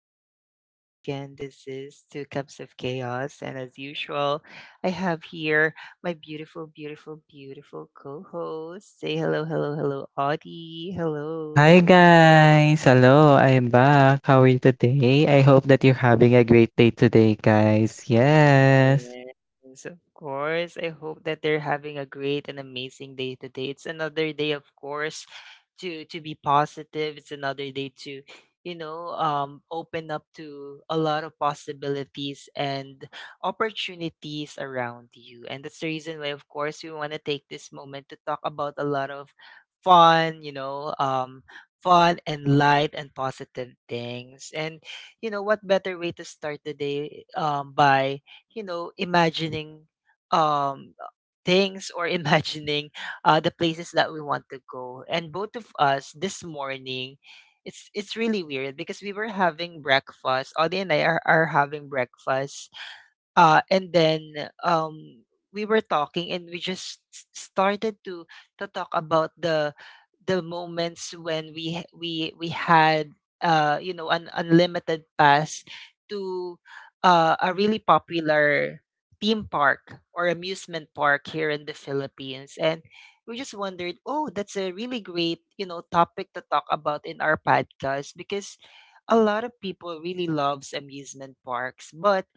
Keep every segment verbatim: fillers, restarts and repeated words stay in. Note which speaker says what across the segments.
Speaker 1: podcast. Once again, this is Two Cups of Chaos, and as usual, I have here my beautiful, beautiful, beautiful co host. Say hello, hello, hello, Audie. Hello.
Speaker 2: Hi guys! Hello, I'm back. How are you today? I hope that you're having a great day today, guys. Yes.
Speaker 1: Yes, of course. I hope that they're having a great and amazing day today. It's another day, of course, to to be positive. It's another day to, you know, um, open up to a lot of possibilities and opportunities around you. And that's the reason why, of course, we want to take this moment to talk about a lot of fun, you know, um, fun and light and positive things. And you know, what better way to start the day um by you know, imagining um things or imagining uh the places that we want to go. And both of us this morning it's it's really weird because we were having breakfast. Audie and I are, are having breakfast uh, and then, um, we were talking and we just s- started to to talk about the the moments when we h- we we had uh you know an unlimited pass to uh, a really popular theme park or amusement park here in the Philippines, and we just wondered, oh, that's a really great you know topic to talk about in our podcast because a lot of people really loves amusement parks. But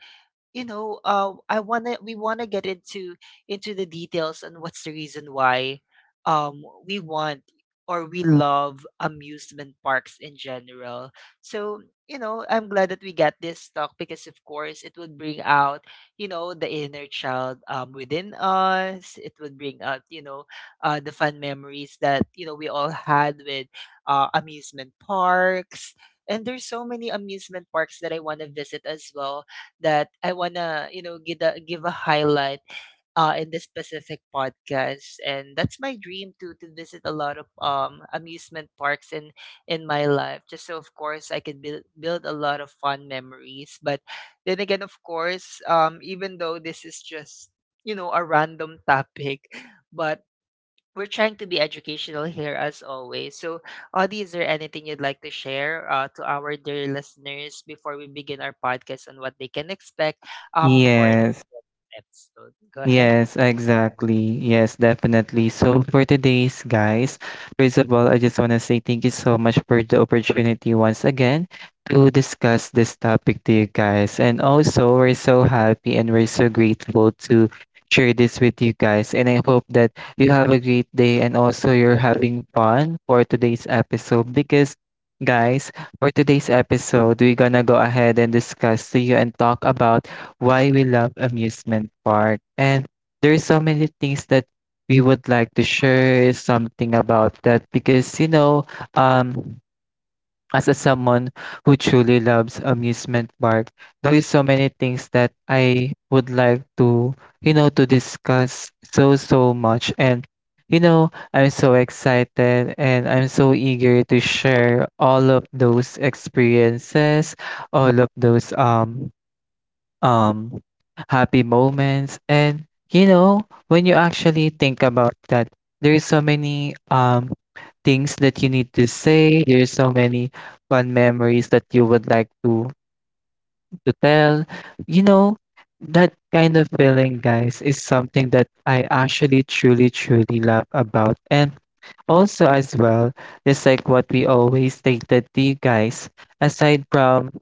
Speaker 1: you know, uh, I wanna we wanna get into into the details and what's the reason why um we want or we love amusement parks in general. So, you know, I'm glad that we got this talk because of course it would bring out, you know, the inner child um within us. It would bring out, you know, uh the fun memories that, you know, we all had with uh amusement parks. And there's so many amusement parks that I want to visit as well, that I wanna, you know, give a give a highlight uh, in this specific podcast, and that's my dream to to visit a lot of um, amusement parks in in my life, just so of course I can build build a lot of fun memories. But then again, of course, um, even though this is just you know a random topic, but we're trying to be educational here as always. So, Audie, is there anything you'd like to share uh, to our dear listeners before we begin our podcast on what they can expect? Um, of course,
Speaker 2: Yes.
Speaker 1: episode. Go ahead.
Speaker 2: Yes, exactly. Yes, definitely. So for today's guys, first of all, I just want to say thank you so much for the opportunity once again to discuss this topic to you guys. And also, we're so happy and we're so grateful to share this with you guys. And I hope that you have a great day and also you're having fun for today's episode because guys, for today's episode, we're gonna go ahead and discuss to you and talk about why we love amusement park. And there's so many things that we would like to share something about that because you know, um, as a someone who truly loves amusement park, there is so many things that I would like to, you know, to discuss so so much and you know, I'm so excited and I'm so eager to share all of those experiences, all of those um um happy moments and you know when you actually think about that, there's so many um things that you need to say, there's so many fun memories that you would like to to tell, you know, that kind of feeling guys is something that I actually truly truly love about. And also as well, just like what we always stated to you guys, aside from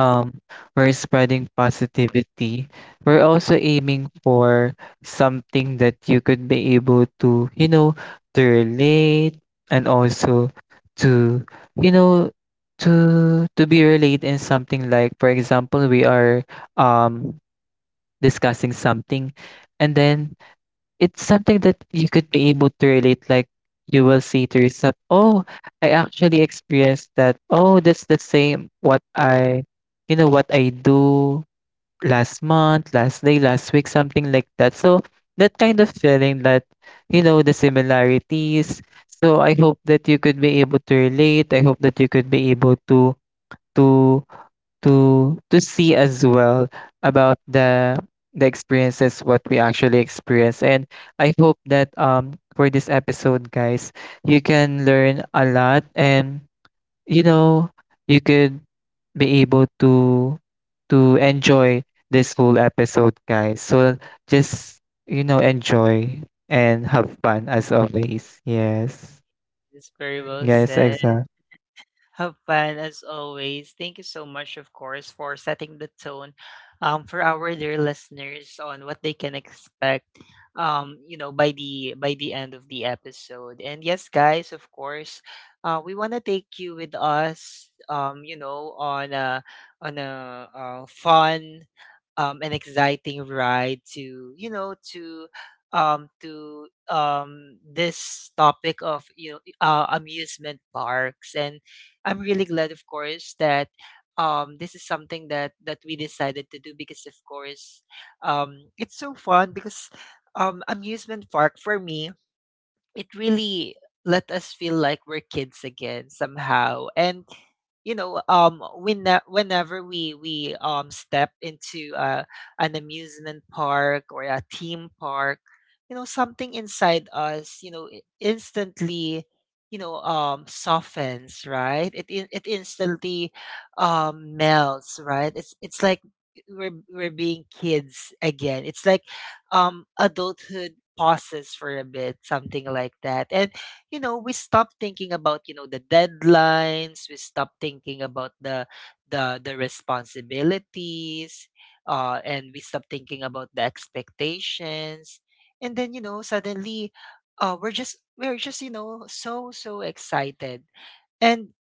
Speaker 2: um we're spreading positivity, we're also aiming for something that you could be able to, you know, to relate and also to, you know, to to be related in something. Like for example, we are um discussing something and then it's something that you could be able to relate, like you will see, to yourself, "Oh, I actually experienced that. Oh, that's the same what I, you know, what I do last month, last day, last week, something like that." So that kind of feeling that, you know, the similarities. So I hope that you could be able to relate. I hope that you could be able to to to to see as well about the the experiences what we actually experience. And I hope that um for this episode guys, you can learn a lot and, you know, you could be able to to enjoy this whole episode guys, so just, you know, enjoy and have fun as always. Yes.
Speaker 1: It's very well
Speaker 2: Yes,
Speaker 1: said.
Speaker 2: exactly.
Speaker 1: Have fun as always. Thank you so much, of course, for setting the tone um, for our dear listeners on what they can expect. Um, you know, by the by the end of the episode. And yes, guys, of course, uh, we want to take you with us. Um, you know, on a on a uh, fun, um, an exciting ride to you know to um, to um, this topic of you know uh, amusement parks, and I'm really glad, of course, that um, this is something that that we decided to do because, of course, um, it's so fun because um, amusement park for me, it really let us feel like we're kids again somehow. And you know um when whenever we we um step into uh, an amusement park or a theme park, you know something inside us you know i- instantly, you know um softens, right? It in- it instantly um melts, right? It's it's like we're we're being kids again. It's like um adulthood pauses for a bit, something like that. And you know, we stop thinking about, you know, the deadlines, we stop thinking about the the the responsibilities, uh, and we stop thinking about the expectations. And then, you know, suddenly uh, we're just we're just, you know, so so excited. And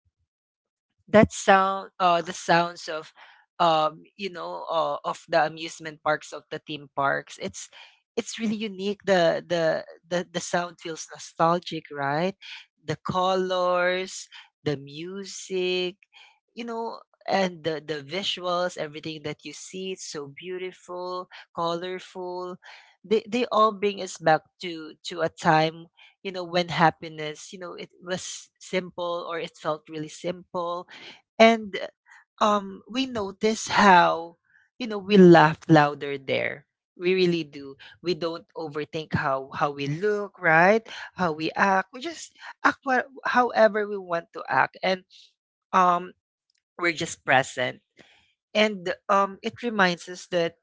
Speaker 1: that sound uh the sounds of um you know uh, of the amusement parks, of the theme parks, it's it's really unique. The the the, the sound feels nostalgic, right? The colors, the music, you know, and the, the visuals, everything that you see, it's so beautiful, colorful. they, they all bring us back to to a time, you know, when happiness, you know, it was simple or it felt really simple. And um, we notice how, you know, we laugh louder there. We really do. We don't overthink how how we look, right? How we act. We just act what, however we want to act, and um, we're just present. And um, it reminds us that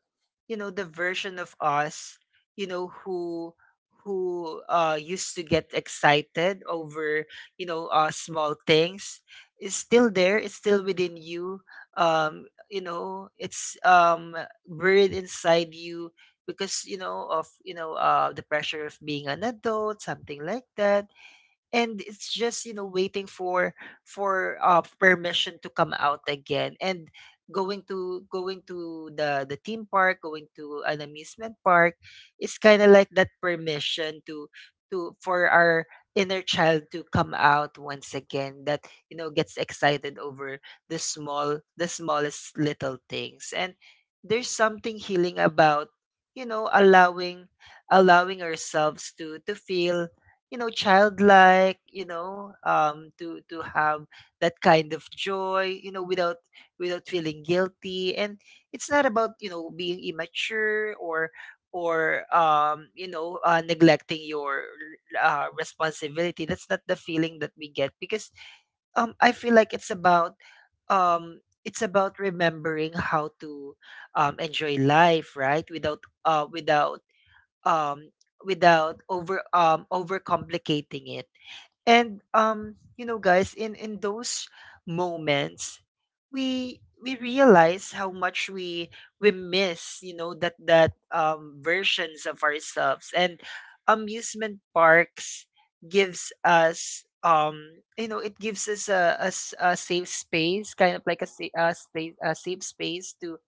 Speaker 1: you know the version of us, you know, who who uh used to get excited over you know uh small things is still there. It's still within you. um you know it's um buried inside you because you know of you know uh the pressure of being an adult, something like that. And it's just you know waiting for for uh permission to come out again. And going to going to the the theme park, going to an amusement park, it's kind of like that permission to to for our inner child to come out once again, that you know gets excited over the small the smallest little things. And there's something healing about you know allowing allowing ourselves to to feel, you know, childlike, you know um to to have that kind of joy, you know, without without feeling guilty. And it's not about you know being immature or or um you know uh, neglecting your uh, responsibility. That's not the feeling that we get because um I feel like it's about um it's about remembering how to um enjoy life, right, without uh without um, without over um, overcomplicating it. And um, you know, guys, in in those moments, we we realize how much we we miss, you know, that that um, versions of ourselves. And amusement parks gives us um you know it gives us a, a, s- a safe space, kind of like a, sa- a space a safe space to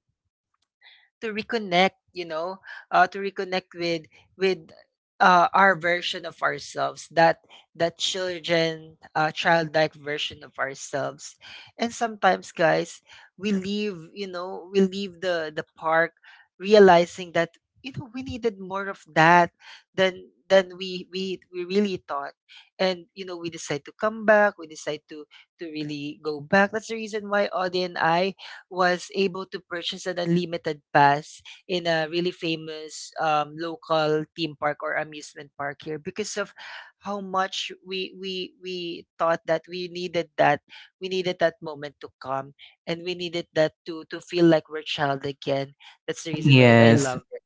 Speaker 1: to reconnect, you know, uh, to reconnect with with uh, our version of ourselves, that that children uh, childlike version of ourselves. And sometimes guys we leave, you know, we leave the the park, realizing that you know we needed more of that than than we we we really thought. And you know we decide to come back, we decide to to really go back. That's the reason why Audie and I was able to purchase an unlimited pass in a really famous um, local theme park or amusement park here, because of how much we we we thought that we needed that. We needed that moment to come, and we needed that to to feel like we're child again. That's the reason why I
Speaker 2: Yes.
Speaker 1: love it.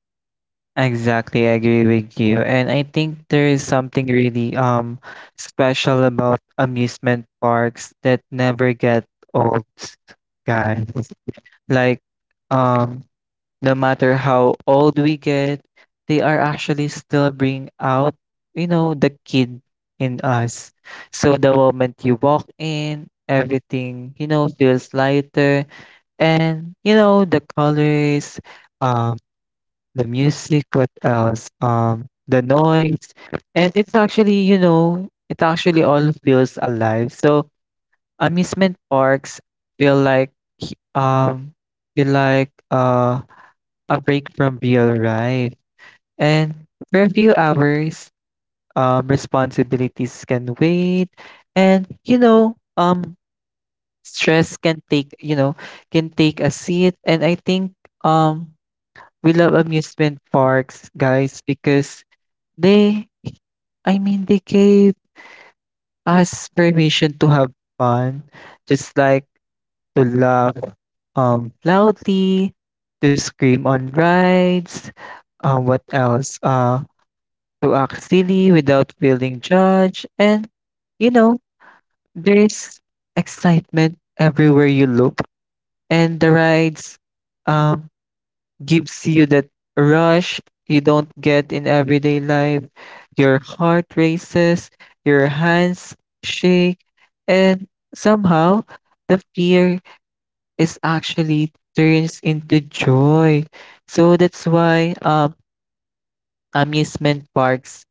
Speaker 2: Exactly, I agree with you. And I think there is something really um special about amusement parks that never get old, guys. Like um no matter how old we get, they are actually still bring out, you know, the kid in us. So the moment you walk in, everything, you know, feels lighter and you know the colors, um the music, what else? Um, the noise. And it's actually, you know, it actually all feels alive. So amusement parks feel like he- um feel like uh a break from real life. And for a few hours, um responsibilities can wait and you know, um stress can take, you know, can take a seat. And I think um we love amusement parks, guys, because They I mean, they gave us permission to have fun, just like to laugh um, loudly, to scream on rides, um, what else? Uh, to act silly without feeling judged. And, you know, there's excitement everywhere you look, and the rides um, gives you that rush you don't get in everyday life. Your heart races, your hands shake, and somehow the fear is actually turns into joy. So that's why um, amusement parks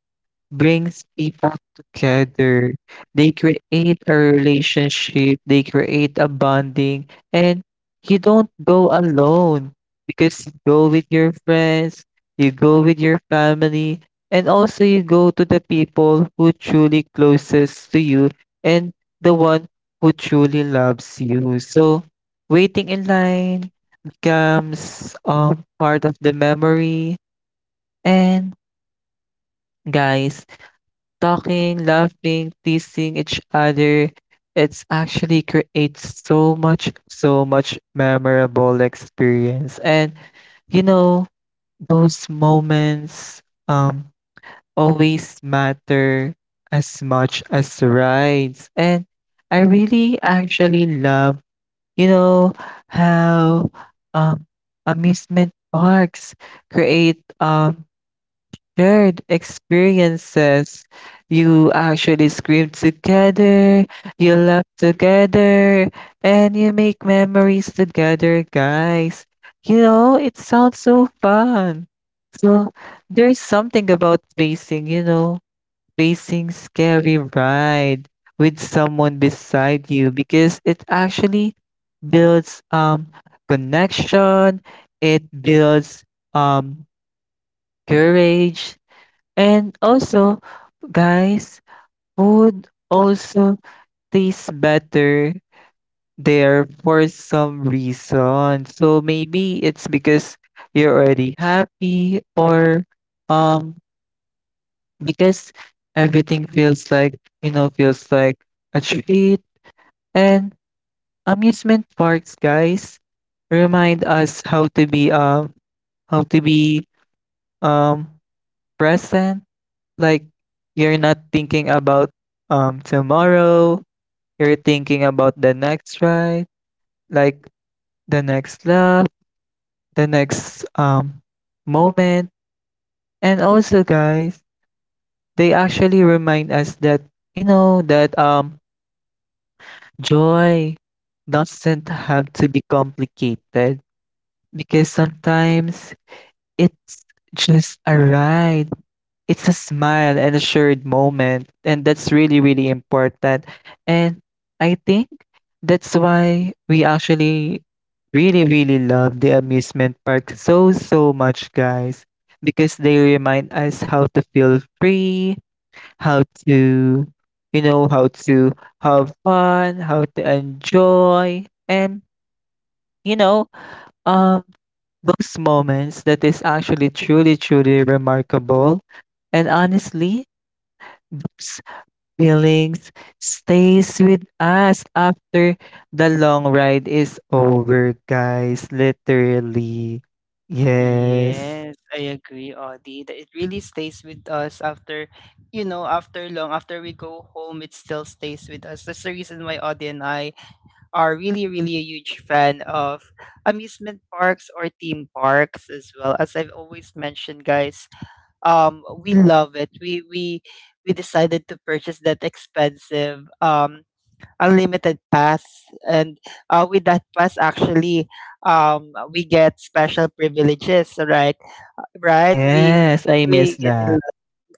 Speaker 2: brings people together. They create a relationship, they create a bonding, and you don't go alone because you go with your friends, you go with your family, and also you go to the people who truly closest to you and the one who truly loves you. So waiting in line becomes um part of the memory. And guys, talking, laughing, teasing each other, it's actually creates so much, so much memorable experience. And you know, those moments um always matter as much as rides. And I really actually love, you know, how um amusement parks create um shared experiences. You actually scream together, you laugh together, and you make memories together, guys. You know, it sounds so fun. So there's something about facing, you know, facing scary ride with someone beside you because it actually builds um connection, it builds um courage. And also, guys, food also tastes better there for some reason. So maybe it's because you're already happy or um because everything feels like, you know, feels like a treat. And amusement parks, guys, remind us how to be um how to be um present. Like, you're not thinking about um, tomorrow, you're thinking about the next ride, like, the next laugh, the next, um, moment. And also, guys, they actually remind us that, you know, that, um, joy doesn't have to be complicated because sometimes it's just a ride, it's a smile and a shared moment, and that's really really important. And I think that's why we actually really really love the amusement park so so much guys, because they remind us how to feel free, how to, you know, how to have fun, how to enjoy. And you know, um those moments that is actually truly truly remarkable. And honestly, those feelings stays with us after the long ride is over, guys. Literally. Yes.
Speaker 1: Yes, I agree, Audie, that it really stays with us after you know after long after we go home, it still stays with us. That's the reason why Audie and I are really, really a huge fan of amusement parks or theme parks as well. As I've always mentioned, guys, um, we love it. We we we decided to purchase that expensive um unlimited pass. And uh, with that pass, actually, um, we get special privileges. Right, right. We
Speaker 2: Yes, I miss
Speaker 1: we get in.
Speaker 2: that.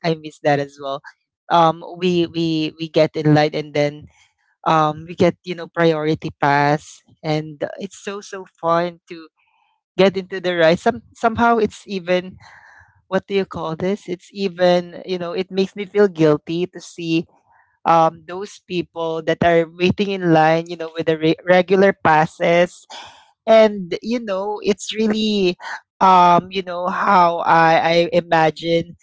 Speaker 1: I miss that as well. Um, we we we get in line, and then um, we get you know priority pass, and it's so so fun to get into the ride. Some somehow it's even, what do you call this, it's even you know it makes me feel guilty to see um, those people that are waiting in line, you know, with the re- regular passes. And you know it's really um, you know how I I imagine,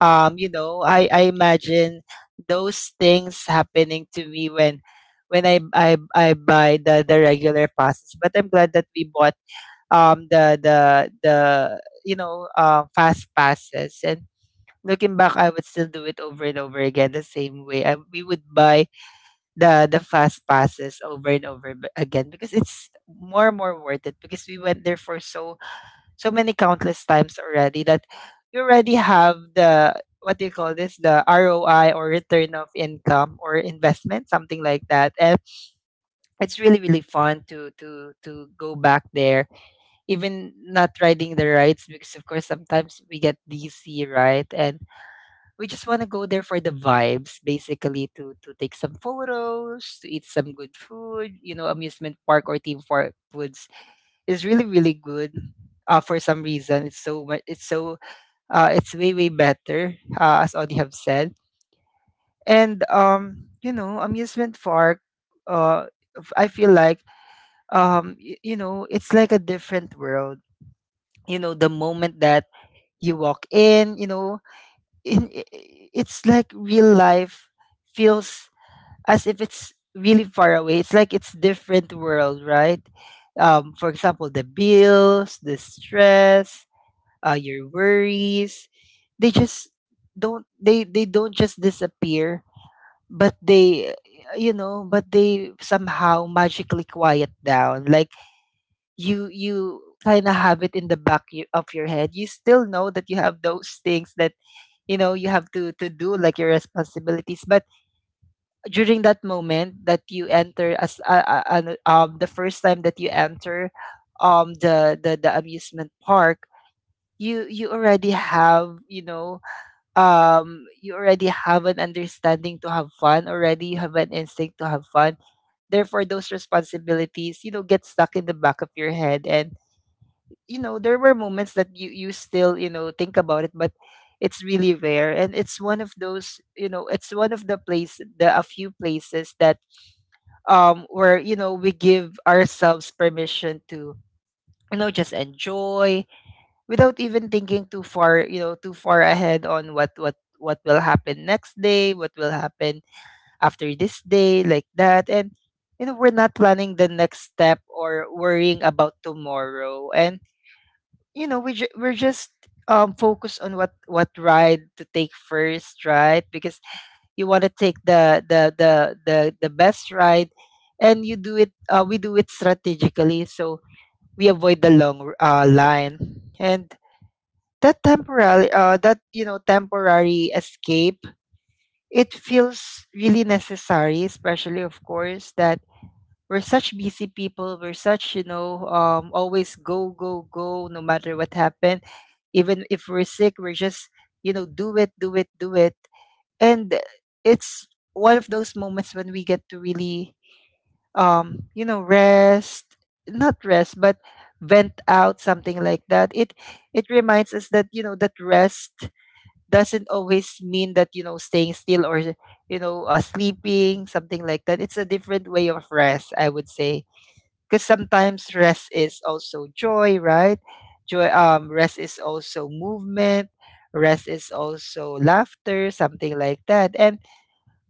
Speaker 1: um you know I I imagine those things happening to me when when i i, I buy the the regular passes. But I'm glad that we bought um the the the you know uh, fast passes. And looking back, I would still do it over and over again. The same way I, we would buy the the fast passes over and over b- again, because it's more and more worth it, because we went there for so so many countless times already that you already have the, what do you call this, the R O I or return of income or investment, something like that. And it's really really fun to to to go back there, even not riding the rides, because of course sometimes we get D C, right? And we just want to go there for the vibes, basically to to take some photos, to eat some good food. You know, amusement park or theme park foods is really really good uh, for some reason. It's so much, it's so uh, it's way way better, uh, as Audie have said. And um, you know, amusement park. Uh, f- I feel like um, y- you know, it's like a different world. You know, the moment that you walk in, you know, in, i- i- it's like real life feels as if it's really far away. It's like it's different world, right? Um, for example, the bills, the stress, uh, your worries. They just don't they they don't just disappear, but they uh, you know, but they somehow magically quiet down. Like you you kind of have it in the back y- of your head. You still know that you have those things that you know you have to to do, like your responsibilities. But during that moment that you enter, as uh, uh, ano- um the first time that you enter, um the the the amusement park, you you already have you know um you already have an understanding to have fun. Already, you have an instinct to have fun. Therefore, those responsibilities, you know get stuck in the back of your head. And you know there were moments that you you still, you know think about it, but it's really rare. And it's one of those, you know it's one of the place the a few places that um where you know we give ourselves permission to you know just enjoy, without even thinking too far, you know too far ahead, on what what what will happen next day, what will happen after this day, like that. And you know we're not planning the next step or worrying about tomorrow. And you know we ju- we're just um focused on what what ride to take first, right? Because you want to take the the the the the best ride. And you do it uh, we do it strategically, so we avoid the long r- uh, line. And that temporary uh that you know temporary escape, it feels really necessary, especially, of course, that we're such busy people. We're such, you know um always go go go, no matter what happened. Even if we're sick, we're just, you know do it, do it, do it. And it's one of those moments when we get to really, um you know rest. Not rest, but vent out, something like that. it it reminds us that you know that rest doesn't always mean that you know staying still, or you know uh, sleeping, something like that. It's a different way of rest, I would say. Because sometimes rest is also joy, right? Joy, um rest is also movement, rest is also laughter, something like that. And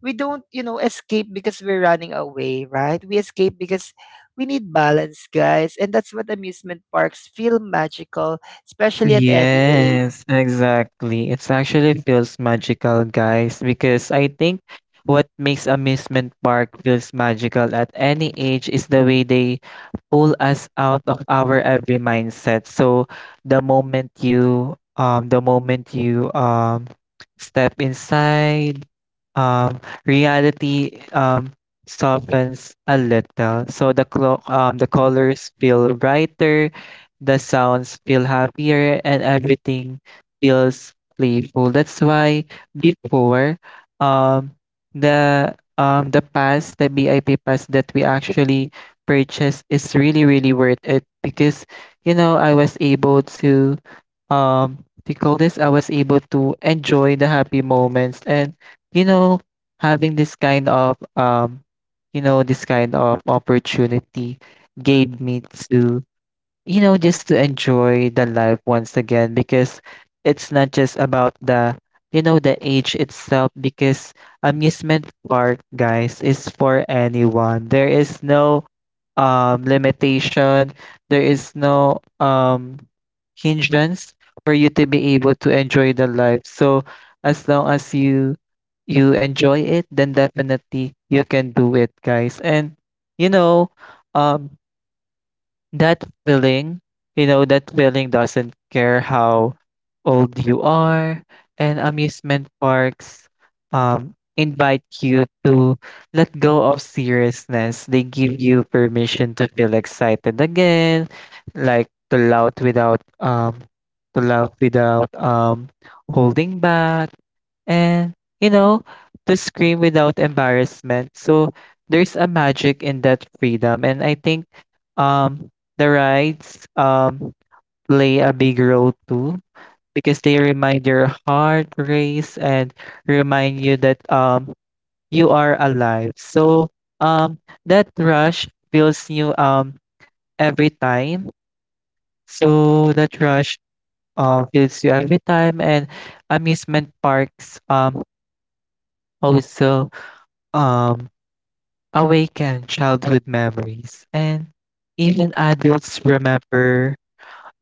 Speaker 1: we don't, you know escape because we're running away, right? We escape because we need balance, guys. And that's what amusement parks feel magical, especially at any age.
Speaker 2: Yes, exactly. It's actually feels magical, guys, because I think what makes amusement park feels magical at any age is the way they pull us out of our every mindset. So the moment you um the moment you um step inside, um reality um softens a little. So the clo- um the colors feel brighter, the sounds feel happier, and everything feels playful. That's why before um the um the pass, the B I P pass that we actually purchased is really really worth it because you know I was able to um to call this I was able to enjoy the happy moments. And you know, having this kind of um you know this kind of opportunity gave me to, you know, just to enjoy the life once again because it's not just about the, you know, the age itself because amusement park, guys, is for anyone. There is no um limitation. There is no um hindrance for you to be able to enjoy the life. So as long as you you enjoy it, then definitely you can do it, guys. And you know, um that feeling, you know, that feeling doesn't care how old you are, and amusement parks um, invite you to let go of seriousness. They give you permission to feel excited again, like to laugh without um to laugh without um holding back and you know to scream without embarrassment. So there's a magic in that freedom. And I think um the rides um play a big role too because they remind your heart race and remind you that um you are alive. So um that rush feels you um every time. So that rush uh, feels you every time. And amusement parks um also um awaken childhood memories, and even adults remember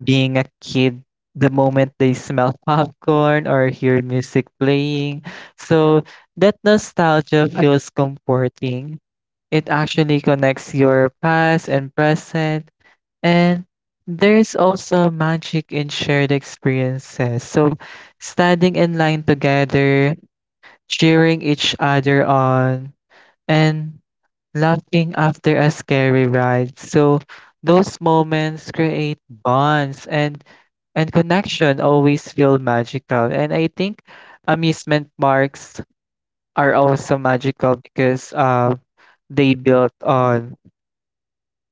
Speaker 2: being a kid the moment they smell popcorn or hear music playing. So that nostalgia feels comforting. It actually connects your past and present. And there's also magic in shared experiences. So standing in line together, cheering each other on, and laughing after a scary ride. So those moments create bonds, and and connection always feel magical. And I think amusement parks are also magical because uh, they built on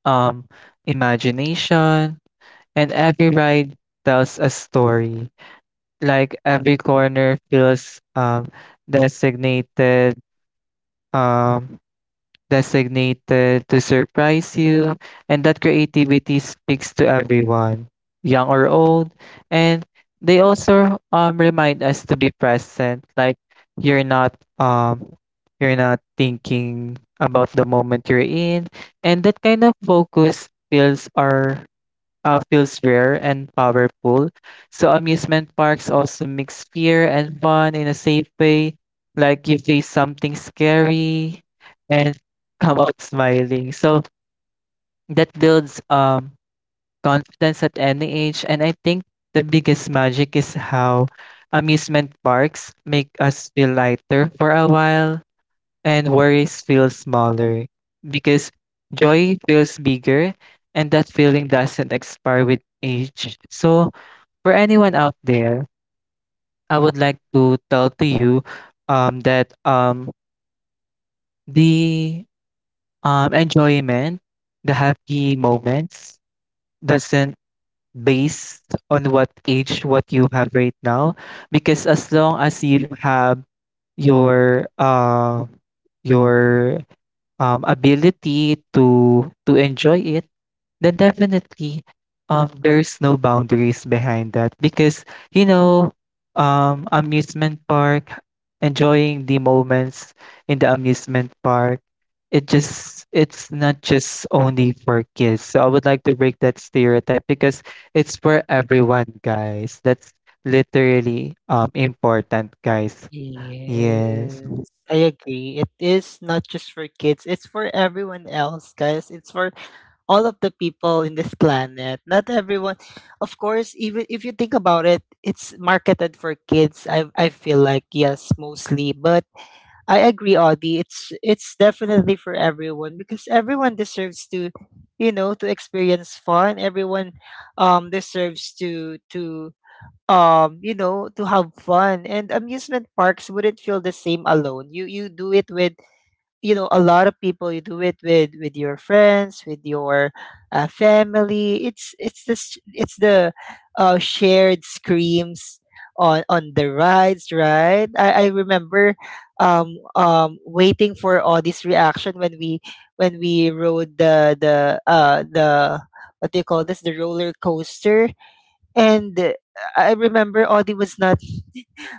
Speaker 2: um, imagination, and every ride tells a story. Like every corner feels um, designated. Um, designated to surprise you, and that creativity speaks to everyone, young or old. And they also um remind us to be present, like you're not um you're not thinking about the moment you're in, and that kind of focus fills our uh, feels rare and powerful. So amusement parks also mix fear and fun in a safe way. Like you face something scary and come out smiling. So that builds um confidence at any age. And I think the biggest magic is how amusement parks make us feel lighter for a while, and worries feel smaller because joy feels bigger, and that feeling doesn't expire with age. So, for anyone out there, I would like to tell to you um, that um, the um, enjoyment, the happy moments doesn't based on what age what you have right now because as long as you have your uh your um, ability to to enjoy it, then definitely um, there's no boundaries behind that because you know um, amusement park, enjoying the moments in the amusement park, it just it's not just only for kids. So I would like to break that stereotype because it's for everyone, guys. That's literally um important, guys. Yes.
Speaker 1: Yes, I agree. It is not just for kids, it's for everyone else, guys. It's for all of the people in this planet. Not everyone, of course, even if you think about it, it's marketed for kids. I I feel like, yes, mostly, but I agree, Audie. It's it's definitely for everyone, because everyone deserves to, you know, to experience fun. Everyone, um deserves to to um you know to have fun. And amusement parks wouldn't feel the same alone. You you do it with, you know a lot of people. You do it with with your friends, with your uh, family. It's it's this it's the uh, shared screams on on the rides, right? I i remember, um um waiting for Audie's reaction when we when we rode the the uh the, what do you call this, the roller coaster. And uh, I remember, Audie was not,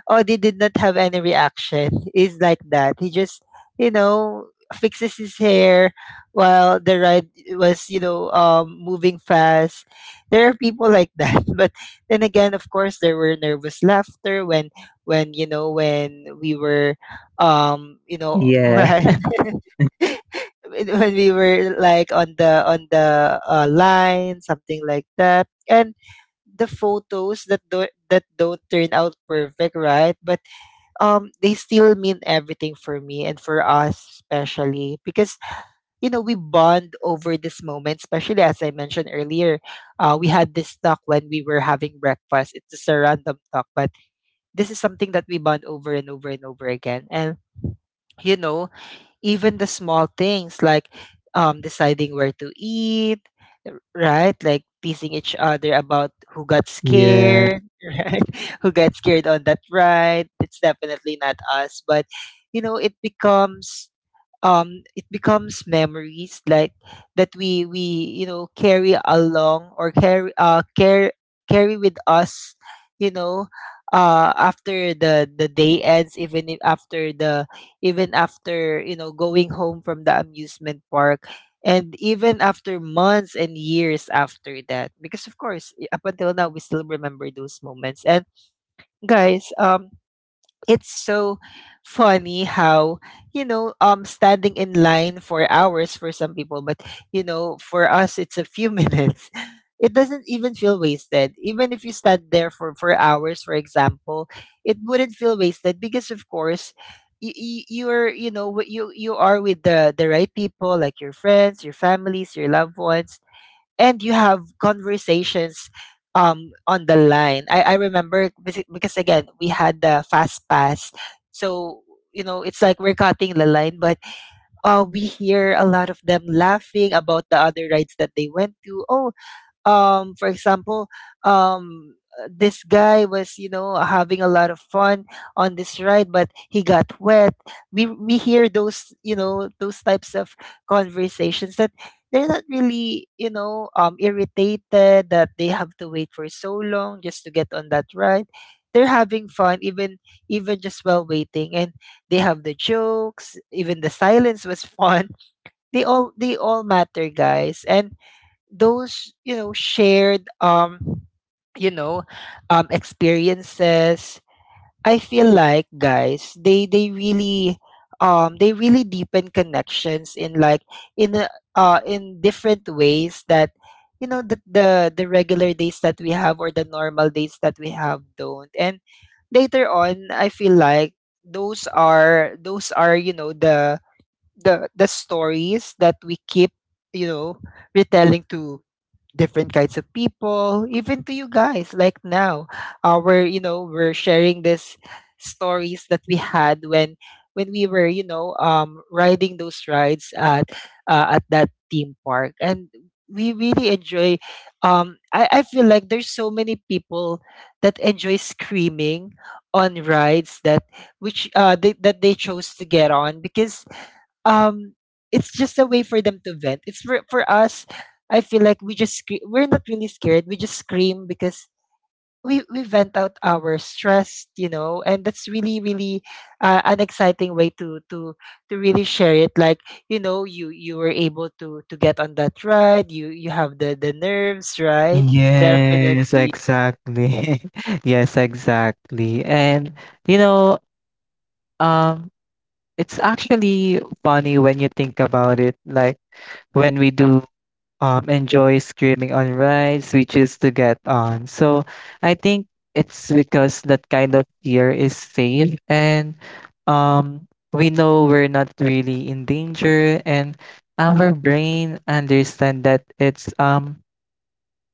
Speaker 1: Audie did not have any reaction. He's like that. He just, you know, fixes his hair while the ride was, you know, um, moving fast. There are people like that. But then again, of course, there were nervous laughter when, when, you know, when we were, um, you know,
Speaker 2: Yeah.
Speaker 1: right. When we were like on the on the uh, line, something like that. And the photos, that do that don't turn out perfect, right? But um, they still mean everything for me and for us, especially because you know we bond over this moment. Especially as I mentioned earlier, uh, we had this talk when we were having breakfast. It's just a random talk, but this is something that we bond over and over and over again. And you know, even the small things, like, um, deciding where to eat, r- right? Like teasing each other about who got
Speaker 2: Yes.
Speaker 1: scared, right? Who got scared on that ride. It's definitely not us, but you know, it becomes, um it becomes memories, like that we we you know carry along, or carry uh care carry with us, you know uh after the the day ends, even if after the even after, you know going home from the amusement park, and even after months and years after that. Because of course, i- up until now, we still remember those moments. And, guys, um it's so funny how, you know um standing in line for hours for some people. But you know for us, it's a few minutes. It doesn't even feel wasted, even if you stand there for for hours, for example. It wouldn't feel wasted because, of course, you, you're you know wi- you you are with the the right people, like your friends, your families, your loved ones. And you have conversations, um on the line. I I remember, basi- because again, we had the fast pass. So, you know it's like we're cutting the line. But uh we hear a lot of them laughing about the other rides that they went to. Oh, um for example, um uh, this guy was, you know having a lot of fun on this ride, but he got wet. We we hear those, you know those types of conversations, that they're not really, you know um irritated that they have to wait for so long just to get on that ride. They're having fun, even even just while waiting. And they have the jokes. Even the silence was fun. They all they all matter, guys. And those, you know shared, um you know um experiences, I feel like, guys, they they really, um they really deepen connections, in like, in a, uh, in different ways that you know the, the the regular days that we have, or the normal days that we have, don't. And later on, I feel like, those are those are, you know the the the stories that we keep, you know retelling to different kinds of people, even to you guys. Like now, uh, we're you know we're sharing these stories that we had, when when we were, you know um riding those rides at uh, at that theme park. And we really enjoy. Um, I I feel like there's so many people that enjoy screaming on rides, that which uh they, that they chose to get on. Because um it's just a way for them to vent. It's for, for us, I feel like, we just scre- we're not really scared, we just scream because we we vent out our stress, you know and that's really really, uh, an exciting way to to to really share it. Like, you know you you were able to to get on that ride. You you have the the nerves, right?
Speaker 2: Yes,
Speaker 1: Definitely.
Speaker 2: exactly. Yes, exactly. And you know, um, it's actually funny when you think about it. Like when we do um enjoy screaming on rides, we choose to get on. So I think it's because that kind of fear is safe, and um we know we're not really in danger, and our brain understand that it's um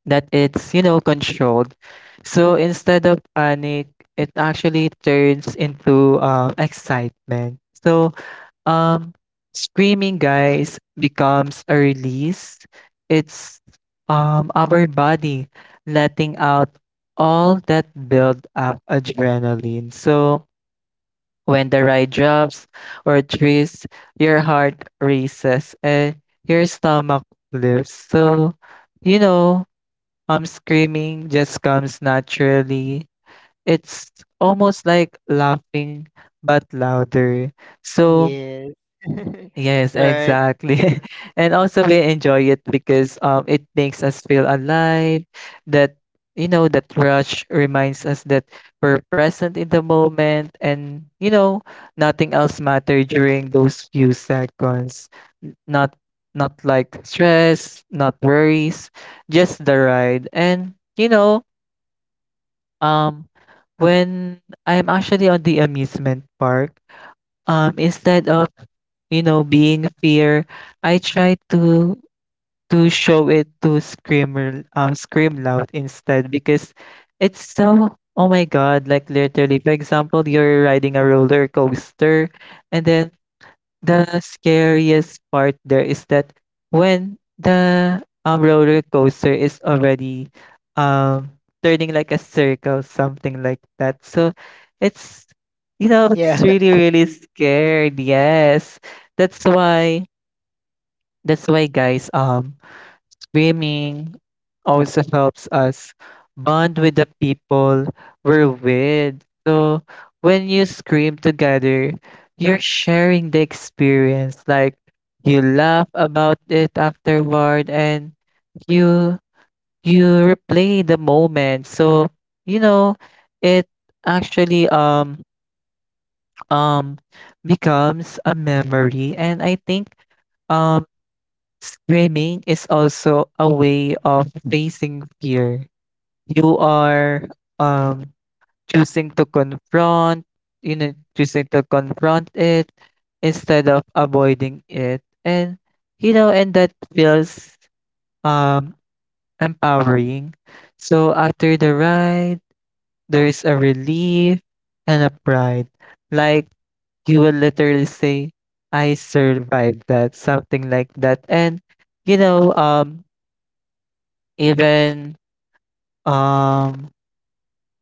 Speaker 2: that it's, you know, controlled. So instead of panic, it actually turns into um, excitement. So um, screaming, guys, becomes a release. It's um, our body letting out all that build up adrenaline. So when the ride drops or twists, your heart races and your stomach lifts. So, you know, um, screaming just comes naturally. It's almost like laughing, but louder. So,
Speaker 1: Yes.
Speaker 2: yes,
Speaker 1: Right.
Speaker 2: exactly. And also, we enjoy it because um, it makes us feel alive. That, you know, that rush reminds us that we're present in the moment, and, you know, nothing else matter during those few seconds. N- Not not like stress, not worries, just the ride. And you know, um when I'm actually on the amusement park, um instead of you know being fear, I try to to show it to scream r- um scream loud instead because it's so, oh my god, like literally for example you're riding a roller coaster, and then the scariest part there is that when the, um, roller coaster is already, um, turning like a circle, something like that. So it's, you know,
Speaker 1: Yeah.
Speaker 2: it's really, really scared. Yes. That's why that's why guys, um swimming also helps us bond with the people we're with. So when you scream together, you're sharing the experience. Like you laugh about it afterward and you you replay the moment. So, you know, it actually um um becomes a memory. And I think um screaming is also a way of facing fear. You are um choosing to confront you know choosing to confront it instead of avoiding it, and you know, and that feels um empowering. So after the ride there is a relief and a pride, like you will literally say, I survived that, something like that. And you know um even um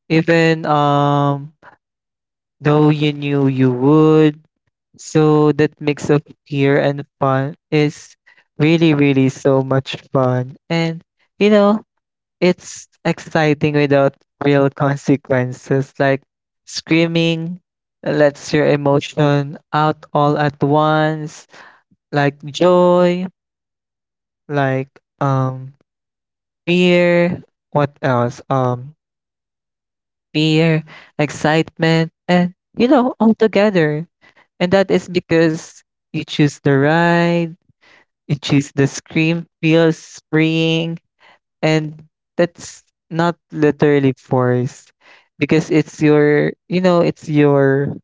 Speaker 2: even um though you knew you would. So that mix of fear and fun is really, really so much fun. And, you know, it's exciting without real consequences, like screaming lets your emotion out all at once, like joy, like um fear, what else? Um fear, excitement, and you know, all together. And that is because you choose the ride, you choose the scream feels freeing, and that's not literally forced because it's your, you know, it's your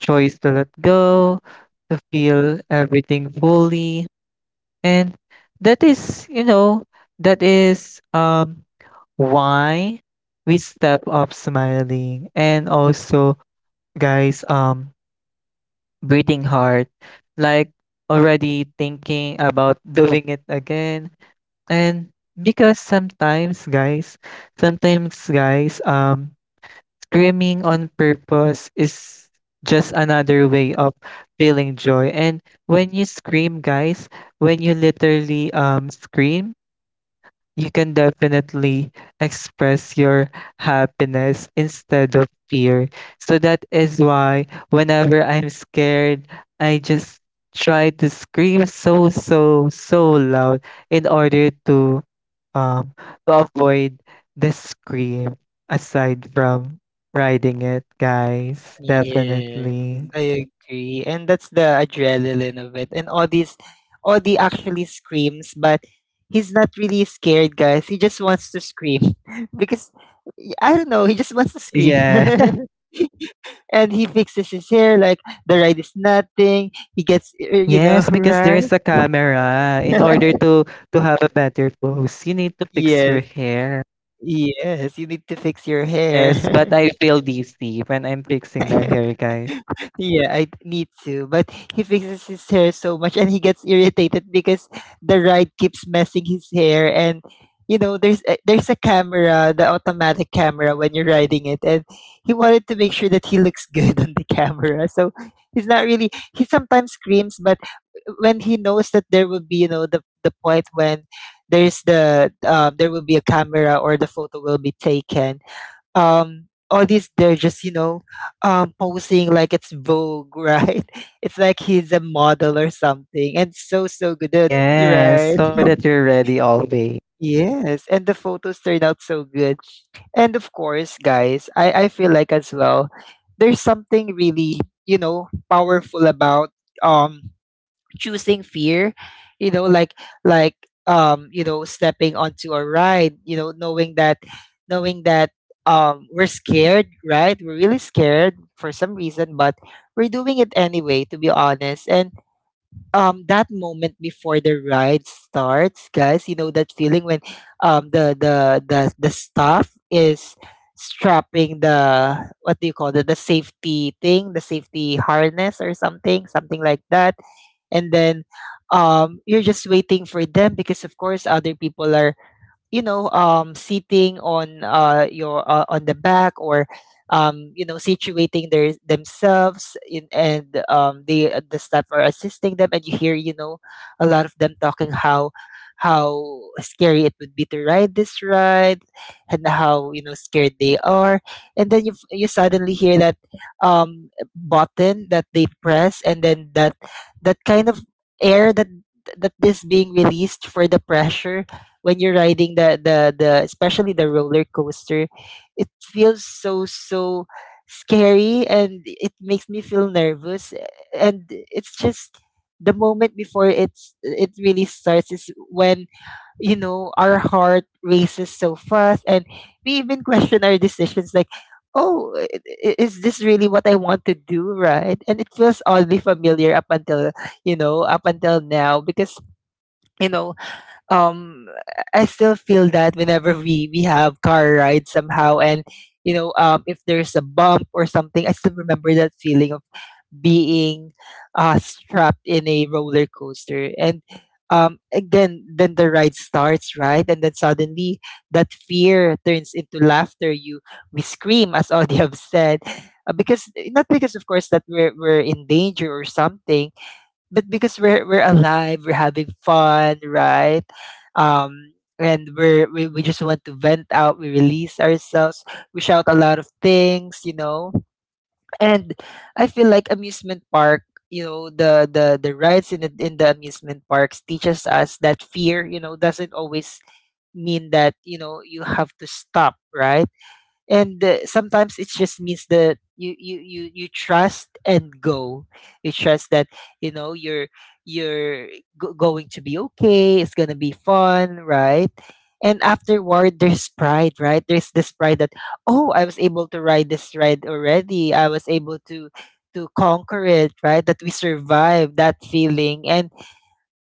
Speaker 2: choice to let go, to feel everything fully. And that is, you know, that is um why we step up smiling. And also, guys, um breathing hard, like already thinking about doing it again. And because sometimes, guys, sometimes, guys, um, screaming on purpose is just another way of feeling joy. And when you scream, guys, when you literally um scream, you can definitely express your happiness instead of fear. So that is why whenever I'm scared, I just try to scream so so so loud in order to um to avoid the scream aside from riding it, guys.
Speaker 1: Yes,
Speaker 2: Definitely.
Speaker 1: I agree. And that's the adrenaline of it. And Audie's Audie actually screams, but he's not really scared, guys. He just wants to scream. Because, y- I don't know, he just wants to scream.
Speaker 2: Yeah.
Speaker 1: And he fixes his hair like the ride is nothing. He gets, uh, you know,
Speaker 2: Yes, because there
Speaker 1: right?
Speaker 2: is a camera. In order to to have a better pose, you need to fix your
Speaker 1: Yes.
Speaker 2: hair.
Speaker 1: Yes, you need to fix your
Speaker 2: Yes, but
Speaker 1: hair.
Speaker 2: I feel dizzy when I'm fixing my hair, guys.
Speaker 1: Yeah, I need to. But he fixes his hair so much, and he gets irritated because the ride keeps messing his hair. And you know there's a, there's a camera, the automatic camera, when you're riding it. And he wanted to make sure that he looks good on the camera. So he's not really, he sometimes screams, but when he knows that there will be, you know the the point when there's the um, there will be a camera, or the photo will be taken, um all these, they're just, you know um posing like it's vogue, right? It's like he's a model or something. And so so good.
Speaker 2: Yes,
Speaker 1: Right.
Speaker 2: so for that you're ready always.
Speaker 1: Yes, and the photos turned out so good. And of course, guys, I, I feel like as well, there's something really, you know, powerful about um choosing fear, you know like like um you know stepping onto a ride, you know, knowing that knowing that um we're scared, right? We're really scared for some reason, but we're doing it anyway, to be honest. And um, that moment before the ride starts, guys, you know that feeling when um the the the, the staff is strapping the, what do you call it, the safety thing, the safety harness or something something like that. And then, um, you're just waiting for them, because of course other people are, you know, um, sitting on, uh, your, uh, on the back, or, um, you know, situating their themselves in, and, um, they, uh, the staff are assisting them, and you hear, you know, a lot of them talking how how scary it would be to ride this ride, and how, you know, scared they are. And then you f- you suddenly hear that um button that they press, and then that that kind of air that that is being released for the pressure. When you're riding the, the the especially the roller coaster, it feels so so scary, and it makes me feel nervous, eh, and it's just, the moment before it's it really starts is when, you know, our heart races so fast, and we even question our decisions, like, oh, i- i- is this really what I want to do, right? And it feels oddly familiar, up until, you know, up until now. Because, you know, um I still feel that whenever we we have car rides somehow, and, you know, um if there's a bump or something, I still remember that feeling of being uh strapped in a roller coaster. And um again, then the ride starts, right? And then suddenly that fear turns into laughter. You We scream, as Audie have said, uh, because, not because of course that we're we're in danger or something, but because we're we're alive, we're having fun, right? Um, and we're we, we just want to vent out, we release ourselves, we shout a lot of things, you know. And I feel like amusement park, you know, the the the rides in the, in the amusement parks teaches us that fear, you know, doesn't always mean that, you know, you have to stop, right? And, uh, sometimes it just means that you you you you trust and go. You trust that, you know, you're you're go- going to be okay, it's gonna be fun, right? And afterward there's pride, right? There's this pride that, oh, I was able to ride this ride already, I was able to to conquer it, right? That we survived that feeling. And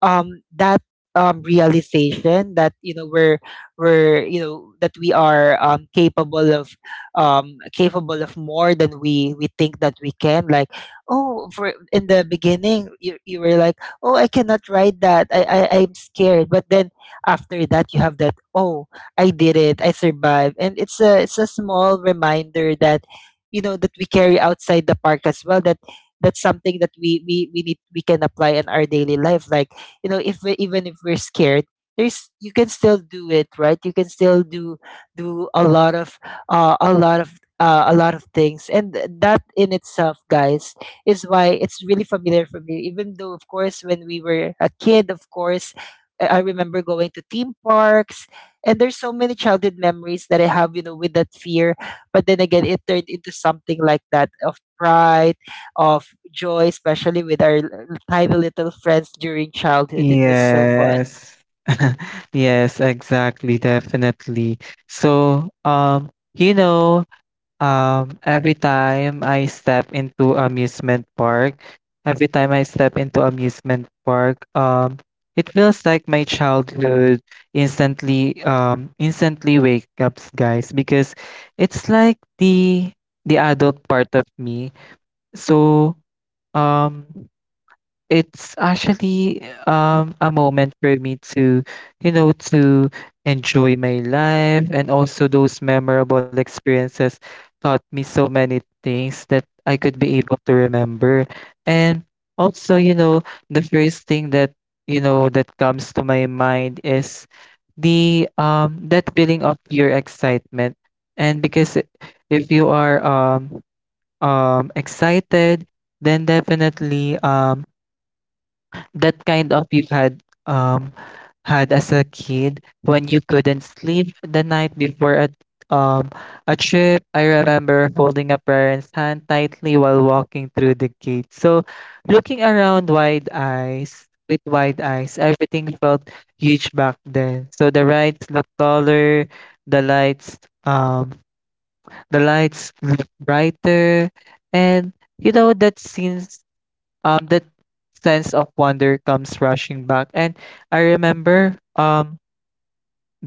Speaker 1: um that um realization that, you know, we're we're you know that we are um capable of, um capable of more than we we think that we can. Like, oh, for in the beginning you, you were like, oh, I cannot ride that. I, I i'm scared. But then after that you have that, oh, I did it, I survived. And it's a, it's a small reminder that, you know, that we carry outside the park as well. That that's something that we we we need, we can apply in our daily life. Like, you know, if we- even if we're scared, there's, you can still do it, right? You can still do do a lot of, uh, a lot of uh, a lot of things. And th- that, in itself, guys, is why it's really familiar for me. Even though, of course, when we were a kid, of course, i I remember going to theme parks, and there's so many childhood memories that I have, you know, with that fear. But then again, it turned into something like that of pride, of joy, especially with our l- tiny little friends during childhood. It was so fun.
Speaker 2: Yes. Yes, exactly, definitely. So, um, you know, Um, every time I step into amusement park, every time I step into amusement park, um, it feels like my childhood instantly, um, instantly wake up, guys, because it's like the the adult part of me. So, um, it's actually um a moment for me to you know to enjoy my life, and also those memorable experiences taught me so many things that I could be able to remember. And also, you know, the first thing that you know, that comes to my mind is the um that feeling of pure excitement. And because i- if you are um um excited, then definitely um that kind of you had um had as a kid when you couldn't sleep the night before a um a trip. I remember holding a parent's hand tightly while walking through the gate, so looking around wide eyes with wide eyes, everything felt huge back then, so the rides looked taller, the lights, um the lights looked brighter. And you know that scene, um that sense of wonder comes rushing back. And I remember um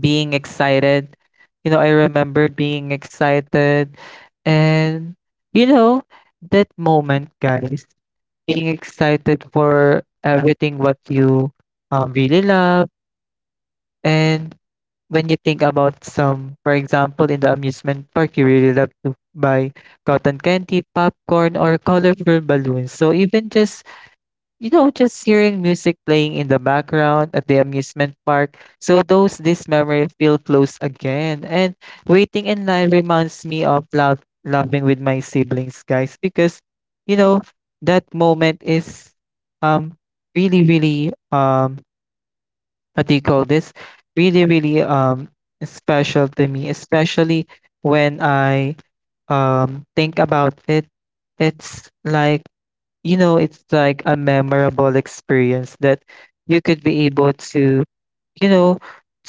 Speaker 2: being excited, you know, I remember being excited. And you know, that moment, guys, being excited for everything what you um, really love. And when you think about some, for example, in the amusement park you really love to buy cotton candy, popcorn, or colorful balloons, so even just, you know, just hearing music playing in the background at the amusement park, so those this memory feel close again. And waiting in line reminds me of love, loving with my siblings, guys, because you know that moment is um really, really um what do you call this? Really, really um special to me, especially when I um think about it. It's like, you know, it's like a memorable experience that you could be able to, you know,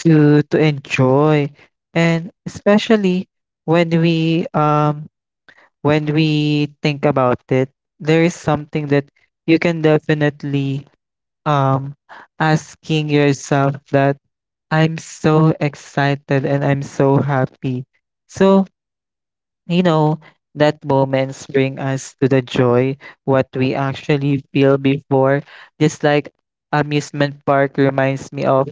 Speaker 2: to to enjoy. And especially when we um when we think about it, there is something that you can definitely um asking yourself that I'm so excited and I'm so happy. So you know, that moments bring us to the joy, what we actually feel before. Just like amusement park reminds me of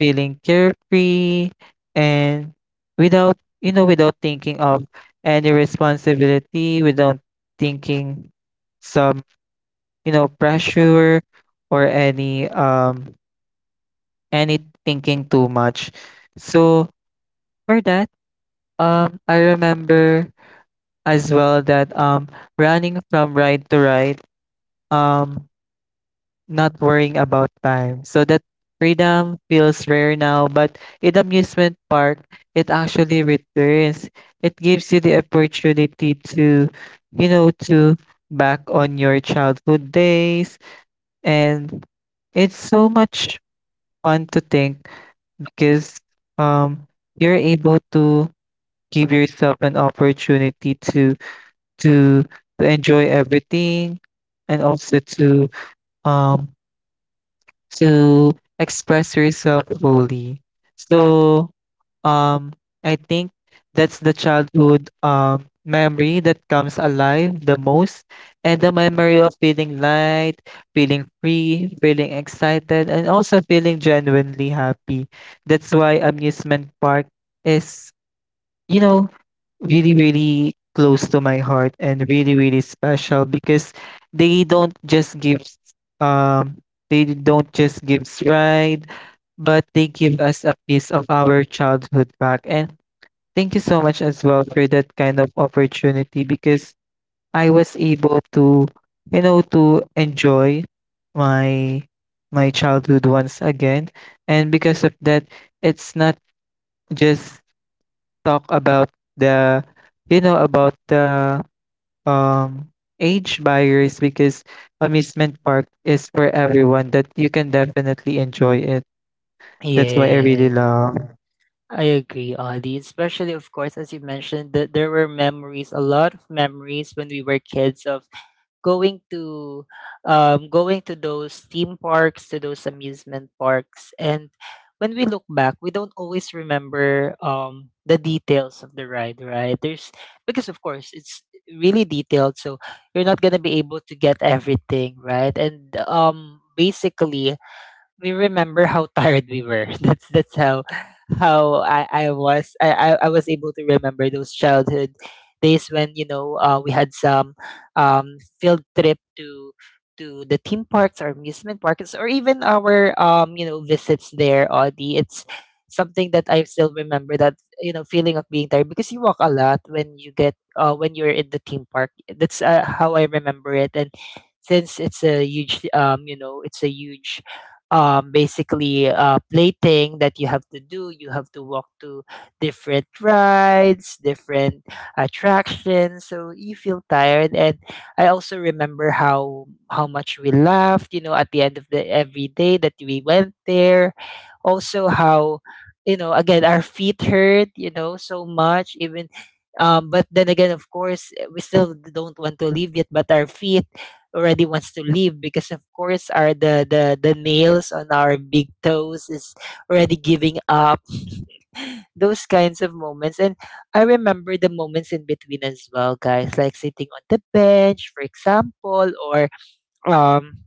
Speaker 2: feeling carefree and without, you know, without thinking of any responsibility, without thinking some, you know, pressure or any um any thinking too much. So for that, um I remember as well that um running from right to right, um not worrying about time. So that freedom feels rare now, but in amusement park, it actually returns. It gives you the opportunity to, you know, to back on your childhood days. And it's so much fun to think because um you're able to give yourself an opportunity to to to enjoy everything, and also to um to express yourself fully. So um I think that's the childhood um memory that comes alive the most, and the memory of feeling light, feeling free, feeling excited, and also feeling genuinely happy. That's why amusement park is, you know, really really close to my heart and really really special, because they don't just give um they don't just give pride, but they give us a piece of our childhood back. And thank you so much as well for that kind of opportunity, because I was able to, you know, to enjoy my my childhood once again. And because of that, it's not just talk about the you know, about the um age buyers, because amusement park is for everyone that you can definitely enjoy it. That's why I really
Speaker 1: Yeah,
Speaker 2: love.
Speaker 1: I agree, Audie. Especially, of course, as you mentioned, that there were memories, a lot of memories when we were kids of going to, um, going to those theme parks, to those amusement parks. And when we look back, we don't always remember, um, the details of the ride, right? There's Because of course it's really detailed, so you're not gonna be able to get everything, right? And, um, basically, we remember how tired we were. That's that's how how I, I was I, I, I was able to remember those childhood days when, you know uh, we had some, um, field trip to to the theme parks or amusement parks, or even our, um, you know visits there. Audie, it's something that I still remember, that, you know feeling of being tired, because you walk a lot when you get uh, when you're in the theme park. That's, uh, how I remember it. And since it's a huge um you know it's a huge um, basically, uh, plating that you have to do. You have to walk to different rides, different attractions, so you feel tired. And I also remember how how much we laughed, you know, at the end of the every day that we went there. Also, how, you know, again, our feet hurt, you know, so much. Even, um, but then again, of course, eh, we still don't want to leave yet. But our feet already wants to leave, because of course our the the, the nails on our big toes is already giving up. Those kinds of moments. And I remember the moments in between as well, guys, like sitting on the bench, for example, or um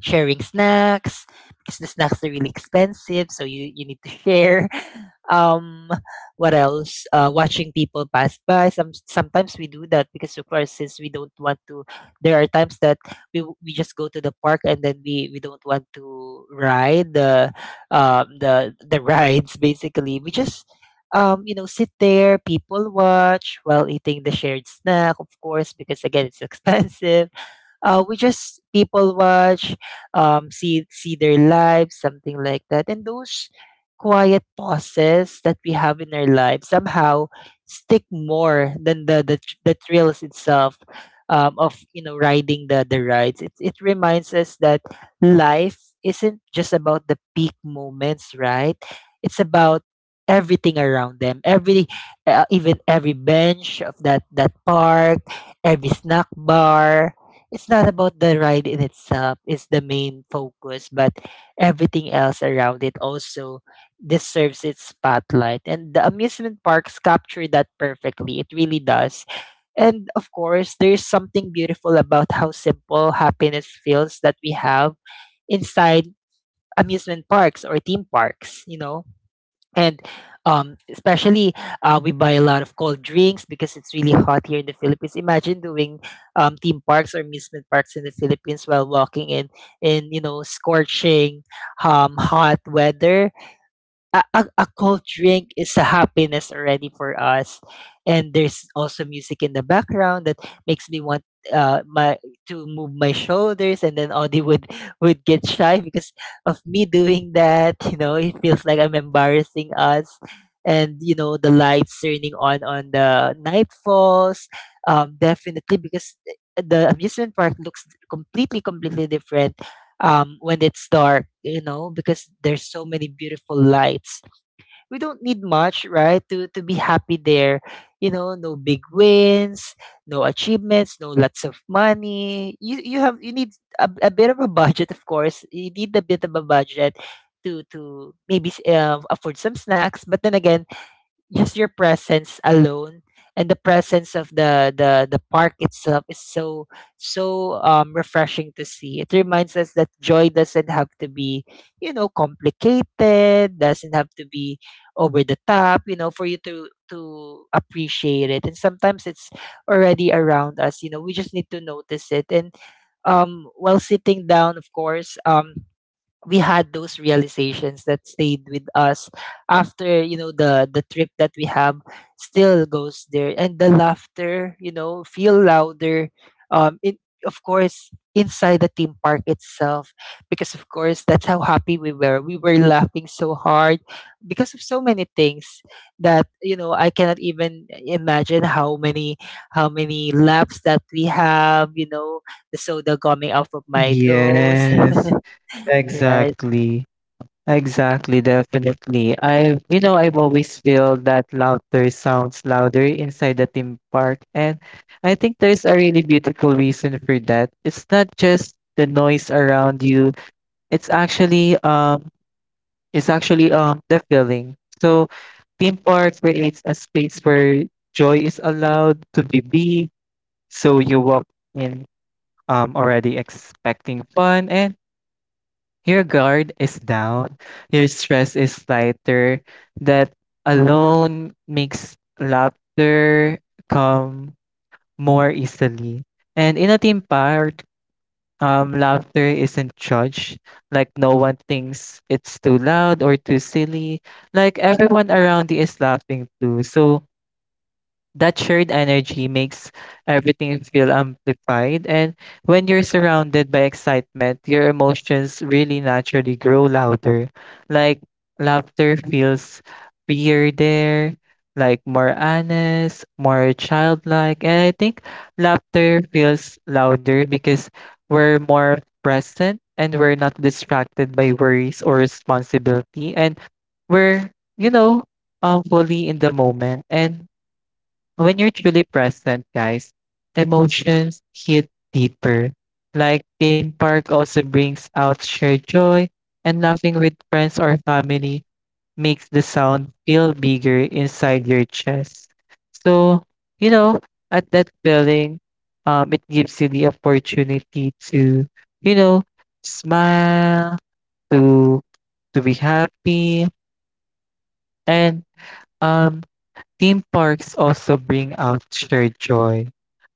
Speaker 1: sharing snacks, because the snacks are really expensive, so you you need to share. Um, what else? Uh, watching people pass by. Some sometimes we do that, because of course since we don't want to. There are times that we w- we just go to the park, and then we we don't want to ride the um the the rides, basically. We just um you know sit there, people watch, while eating the shared snack, of course, because again it's expensive. Uh, we just people watch, um, see see their lives, something like that. And those quiet pauses that we have in our lives somehow stick more than the the, tr- the thrills itself, um, of, you know riding the the rides. It it reminds us that life isn't just about the peak moments, right? It's about everything around them. Every, uh, even every bench of that that park, every snack bar. It's not about the ride in itself, it's the main focus, but everything else around it also deserves its spotlight. And the amusement parks capture that perfectly. It really does. And of course there's something beautiful about how simple happiness feels, that we have inside amusement parks or theme parks you know And, um, especially, uh, we buy a lot of cold drinks, because it's really hot here in the Philippines. Imagine doing, um, theme parks or amusement parks in the Philippines, while walking in, in you know scorching, um, hot weather. A, a, a cold drink is a happiness already for us. And there's also music in the background that makes me want uh my to move my shoulders. And then Audie would would get shy, because of me doing that. You know it feels like I'm embarrassing us. And, you know the lights turning on on the nightfalls, um definitely, because the amusement park looks completely completely different, um, when it's dark. You know, because there's so many beautiful lights, we don't need much, right, to to be happy there. You know, no big wins, no achievements, no lots of money. You you have you need a, a bit of a budget, of course. You need a bit of a budget to to maybe s- uh, afford some snacks. But then again, just your presence alone, and the presence of the the the park itself, is so so um refreshing to see. It reminds us that joy doesn't have to be, you know complicated, doesn't have to be over the top, you know for you to to appreciate it. And sometimes it's already around us, you know we just need to notice it. And um while sitting down, of course, um we had those realizations that stayed with us after, you know the the trip that we have still goes there. And the laughter, you know feel louder, um it of course inside the theme park itself. Because of course that's how happy we were we were laughing so hard, because of so many things that, you know, I cannot even imagine how many how many laughs that we have you know The soda coming out of my nose.
Speaker 2: Yes,
Speaker 1: Right.
Speaker 2: exactly. Exactly, definitely. I've, you know, I've always feel that louder sounds louder inside the theme park. And I think there's a really beautiful reason for that. It's not just the noise around you, it's actually um is actually um the feeling. So theme park creates a space where joy is allowed to be be. So you walk in um already expecting fun, and your guard is down. Your stress is lighter. That alone makes laughter come more easily. And in a theme park, um, laughter isn't judged. Like, no one thinks it's too loud or too silly. Like, everyone around you is laughing too. So, that shared energy makes everything feel amplified. And when you're surrounded by excitement, your emotions really naturally grow louder. Like laughter feels freer there, like more honest, more childlike. And I think laughter feels louder because we're more present, and we're not distracted by worries or responsibility. And we're, you know, um, fully in the moment. And when you're truly present, guys, emotions hit deeper. Like theme park also brings out shared joy, and laughing with friends or family makes the sound feel bigger inside your chest. So, you know, at that feeling, um, it gives you the opportunity to, you know, smile, to to be happy, and um theme parks also bring out shared joy,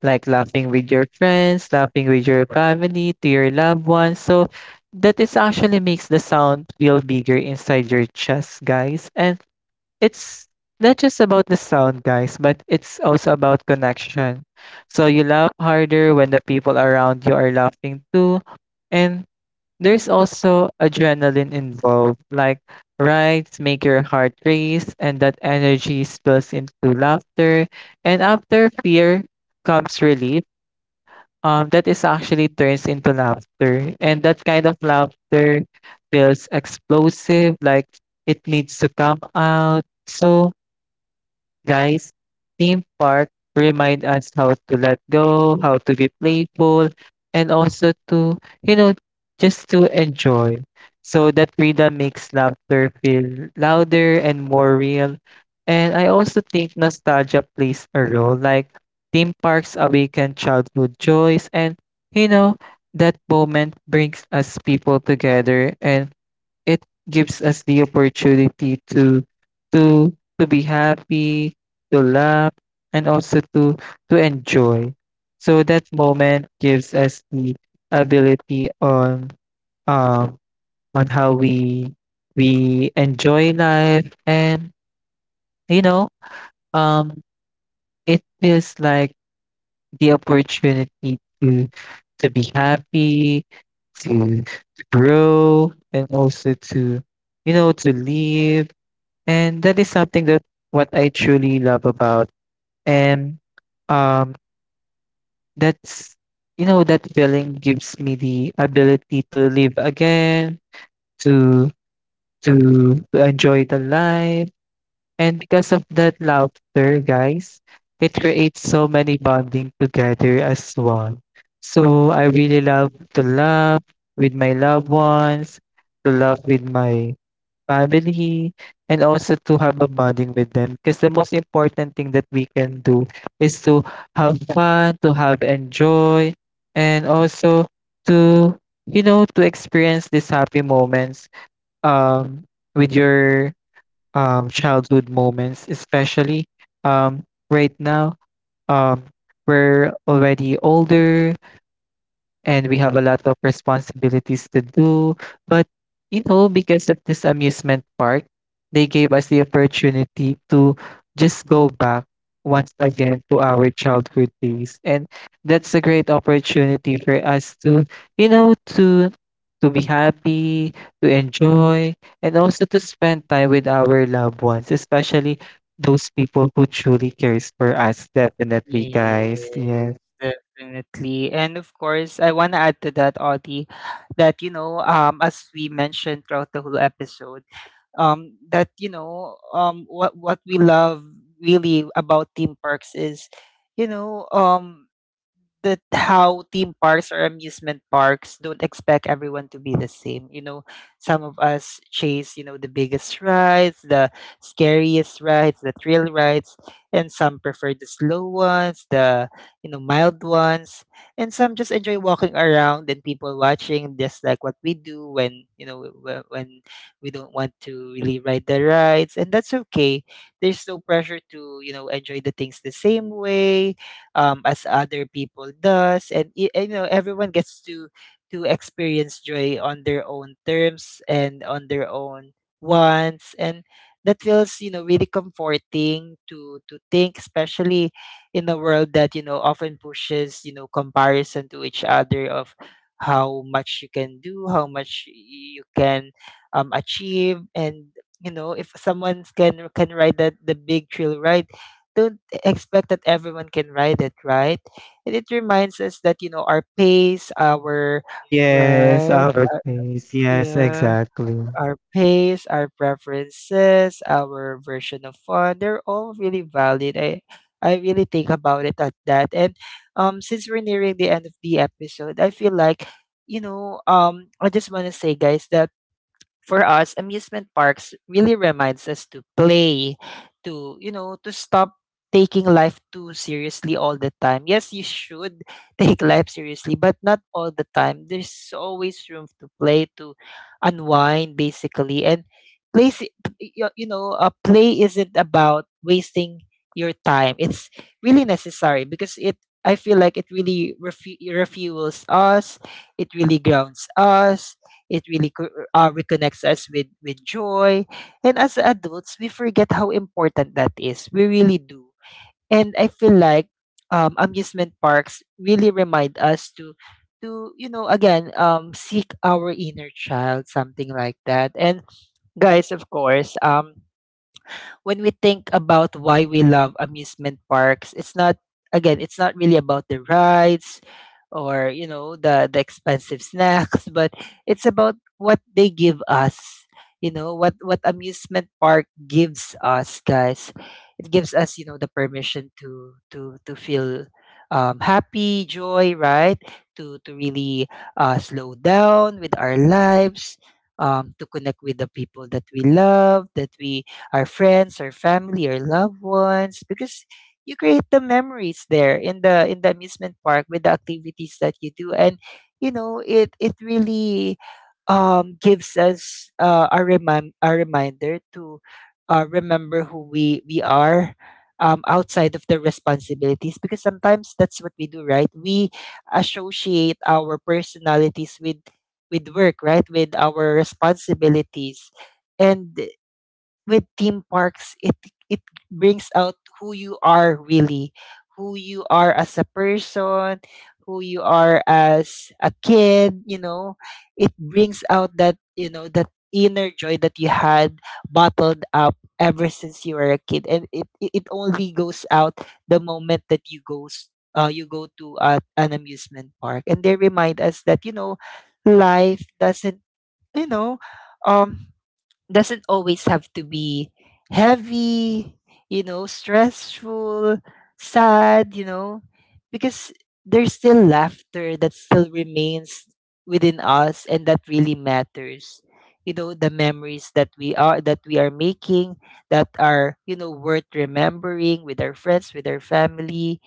Speaker 2: like laughing with your friends, laughing with your family, to your loved ones. So that is actually makes the sound feel bigger inside your chest, guys. And it's not just about the sound, guys, but it's also about connection. So you laugh harder when the people around you are laughing too. And There's also adrenaline involved, like rides make your heart race, and that energy spills into laughter. And after fear comes relief, um, that is actually turns into laughter. And that kind of laughter feels explosive, like it needs to come out. So guys, theme park remind us how to let go, how to be playful, and also to, you know, just to enjoy. So that freedom makes laughter feel louder and more real. And I also think nostalgia plays a role. Like theme parks awaken childhood joys, and you know that moment brings us people together. And it gives us the opportunity to to to be happy, to laugh, and also to to enjoy. So that moment gives us the ability on um on how we we enjoy life. And you know, um it feels like the opportunity to to be happy, to, to grow, and also to, you know, to live. And that is something that what I truly love about. And um that's you know, that feeling gives me the ability to live again, to to to enjoy the life. And because of that laughter, guys, it creates so many bonding together as one. So I really love to laugh with my loved ones, to laugh with my family, and also to have a bonding with them, because the most important thing that we can do is to have fun, to have enjoy, and also to, you know, to experience these happy moments um with your um childhood moments, especially um right now, um we're already older and we have a lot of responsibilities to do. But, you know, because of this amusement park, they gave us the opportunity to just go back once again to our childhood days. And that's a great opportunity for us to, you know, to to be happy, to enjoy, and also to spend time with our loved ones, especially those people who truly cares for us, definitely, guys.
Speaker 1: Yes,
Speaker 2: Yes.
Speaker 1: definitely. And of course, I want to add to that, Audie, that, you know, um, as we mentioned throughout the whole episode, um, that, you know, um, what, what we love really about theme parks is, you know, um, that how theme parks or amusement parks don't expect everyone to be the same. You know, some of us chase, you know, the biggest rides, the scariest rides, the thrill rides. And some prefer the slow ones, the, you know, mild ones. And some just enjoy walking around and people watching, just like what we do when, you know, wh- when we don't want to really ride the rides. And that's okay. There's no pressure to, you know, enjoy the things the same way um, as other people does, and y- you know everyone gets to to experience joy on their own terms and on their own wants, and that feels you know really comforting to to think, especially in a world that you know often pushes you know comparison to each other of how much you can do, how much you can um, achieve, and you know if someone can can ride that the big trail ride, don't expect that everyone can ride it, right? And it reminds us that you know our pace, our
Speaker 2: Yes,
Speaker 1: right,
Speaker 2: our
Speaker 1: uh,
Speaker 2: place. Yes,
Speaker 1: yeah,
Speaker 2: exactly.
Speaker 1: our pace, our preferences, our version of fun. They're all really valid. I I really think about it at that. And um, since we're nearing the end of the episode, I feel like you know um, I just want to say, guys, that for us, amusement parks really reminds us to play, to, you know, to stop taking life too seriously all the time. Yes, you should take life seriously, but not all the time. There's always room to play, to unwind, basically. And play, si- p- y- you know, uh, play isn't about wasting your time. It's really necessary because it, I feel like it really refu- refuels us. It really grounds us. It really co- uh, reconnects us with with joy, and as adults, we forget how important that is. We really do. And I feel like um, amusement parks really remind us to to you know again um, seek our inner child, something like that. And guys, of course, um, when we think about why we love amusement parks, it's not, again, it's not really about the rides or you know the the expensive snacks, but it's about what they give us. You know what what amusement park gives us, guys. It gives us you know the permission to to to feel um, happy, joy, right? To to really uh, slow down with our lives, um, to connect with the people that we love, that we — our friends, our family, our loved ones, because you create the memories there in the in the amusement park with the activities that you do, and you know it it really um, gives us uh, a remind a reminder to uh, remember who we we are. Um, outside of the responsibilities, because sometimes that's what we do, right? We associate our personalities with with work, right, with our responsibilities, and with theme parks, it it brings out who you are, really, who you are as a person, who you are as a kid, you know. It brings out that you know that inner joy that you had bottled up ever since you were a kid, and it it it only goes out the moment that you goes uh, you go to uh, an amusement park. And they remind us that you know life doesn't you know um doesn't always have to be heavy, you know, stressful, sad, you know, because there's still laughter that still remains within us, and that really matters. You know, the memories that we are that we are making that are, you know, worth remembering with our friends, with our family,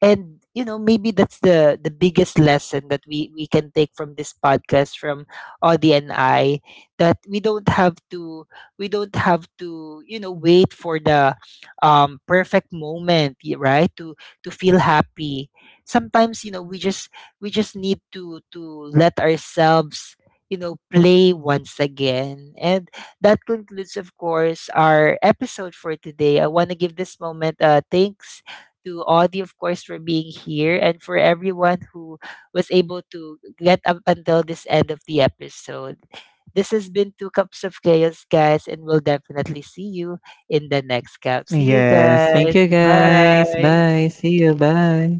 Speaker 1: and you know maybe that's the the biggest lesson that we we can take from this podcast, from Audie and I, that we don't have to we don't have to you know wait for the um perfect moment, y- right, to to feel happy. Sometimes you know we just we just need to to let ourselves you know play once again. And that concludes, of course, our episode for today. I want to give this moment, uh thanks to Audie, of course, for being here, and for everyone who was able to get up until this end of the episode. This has been Two Cups of Chaos, guys, and we'll definitely see you in the next cup. See you,
Speaker 2: Yes. Thank
Speaker 1: guys.
Speaker 2: you guys.
Speaker 1: Bye.
Speaker 2: Bye. See you. Bye.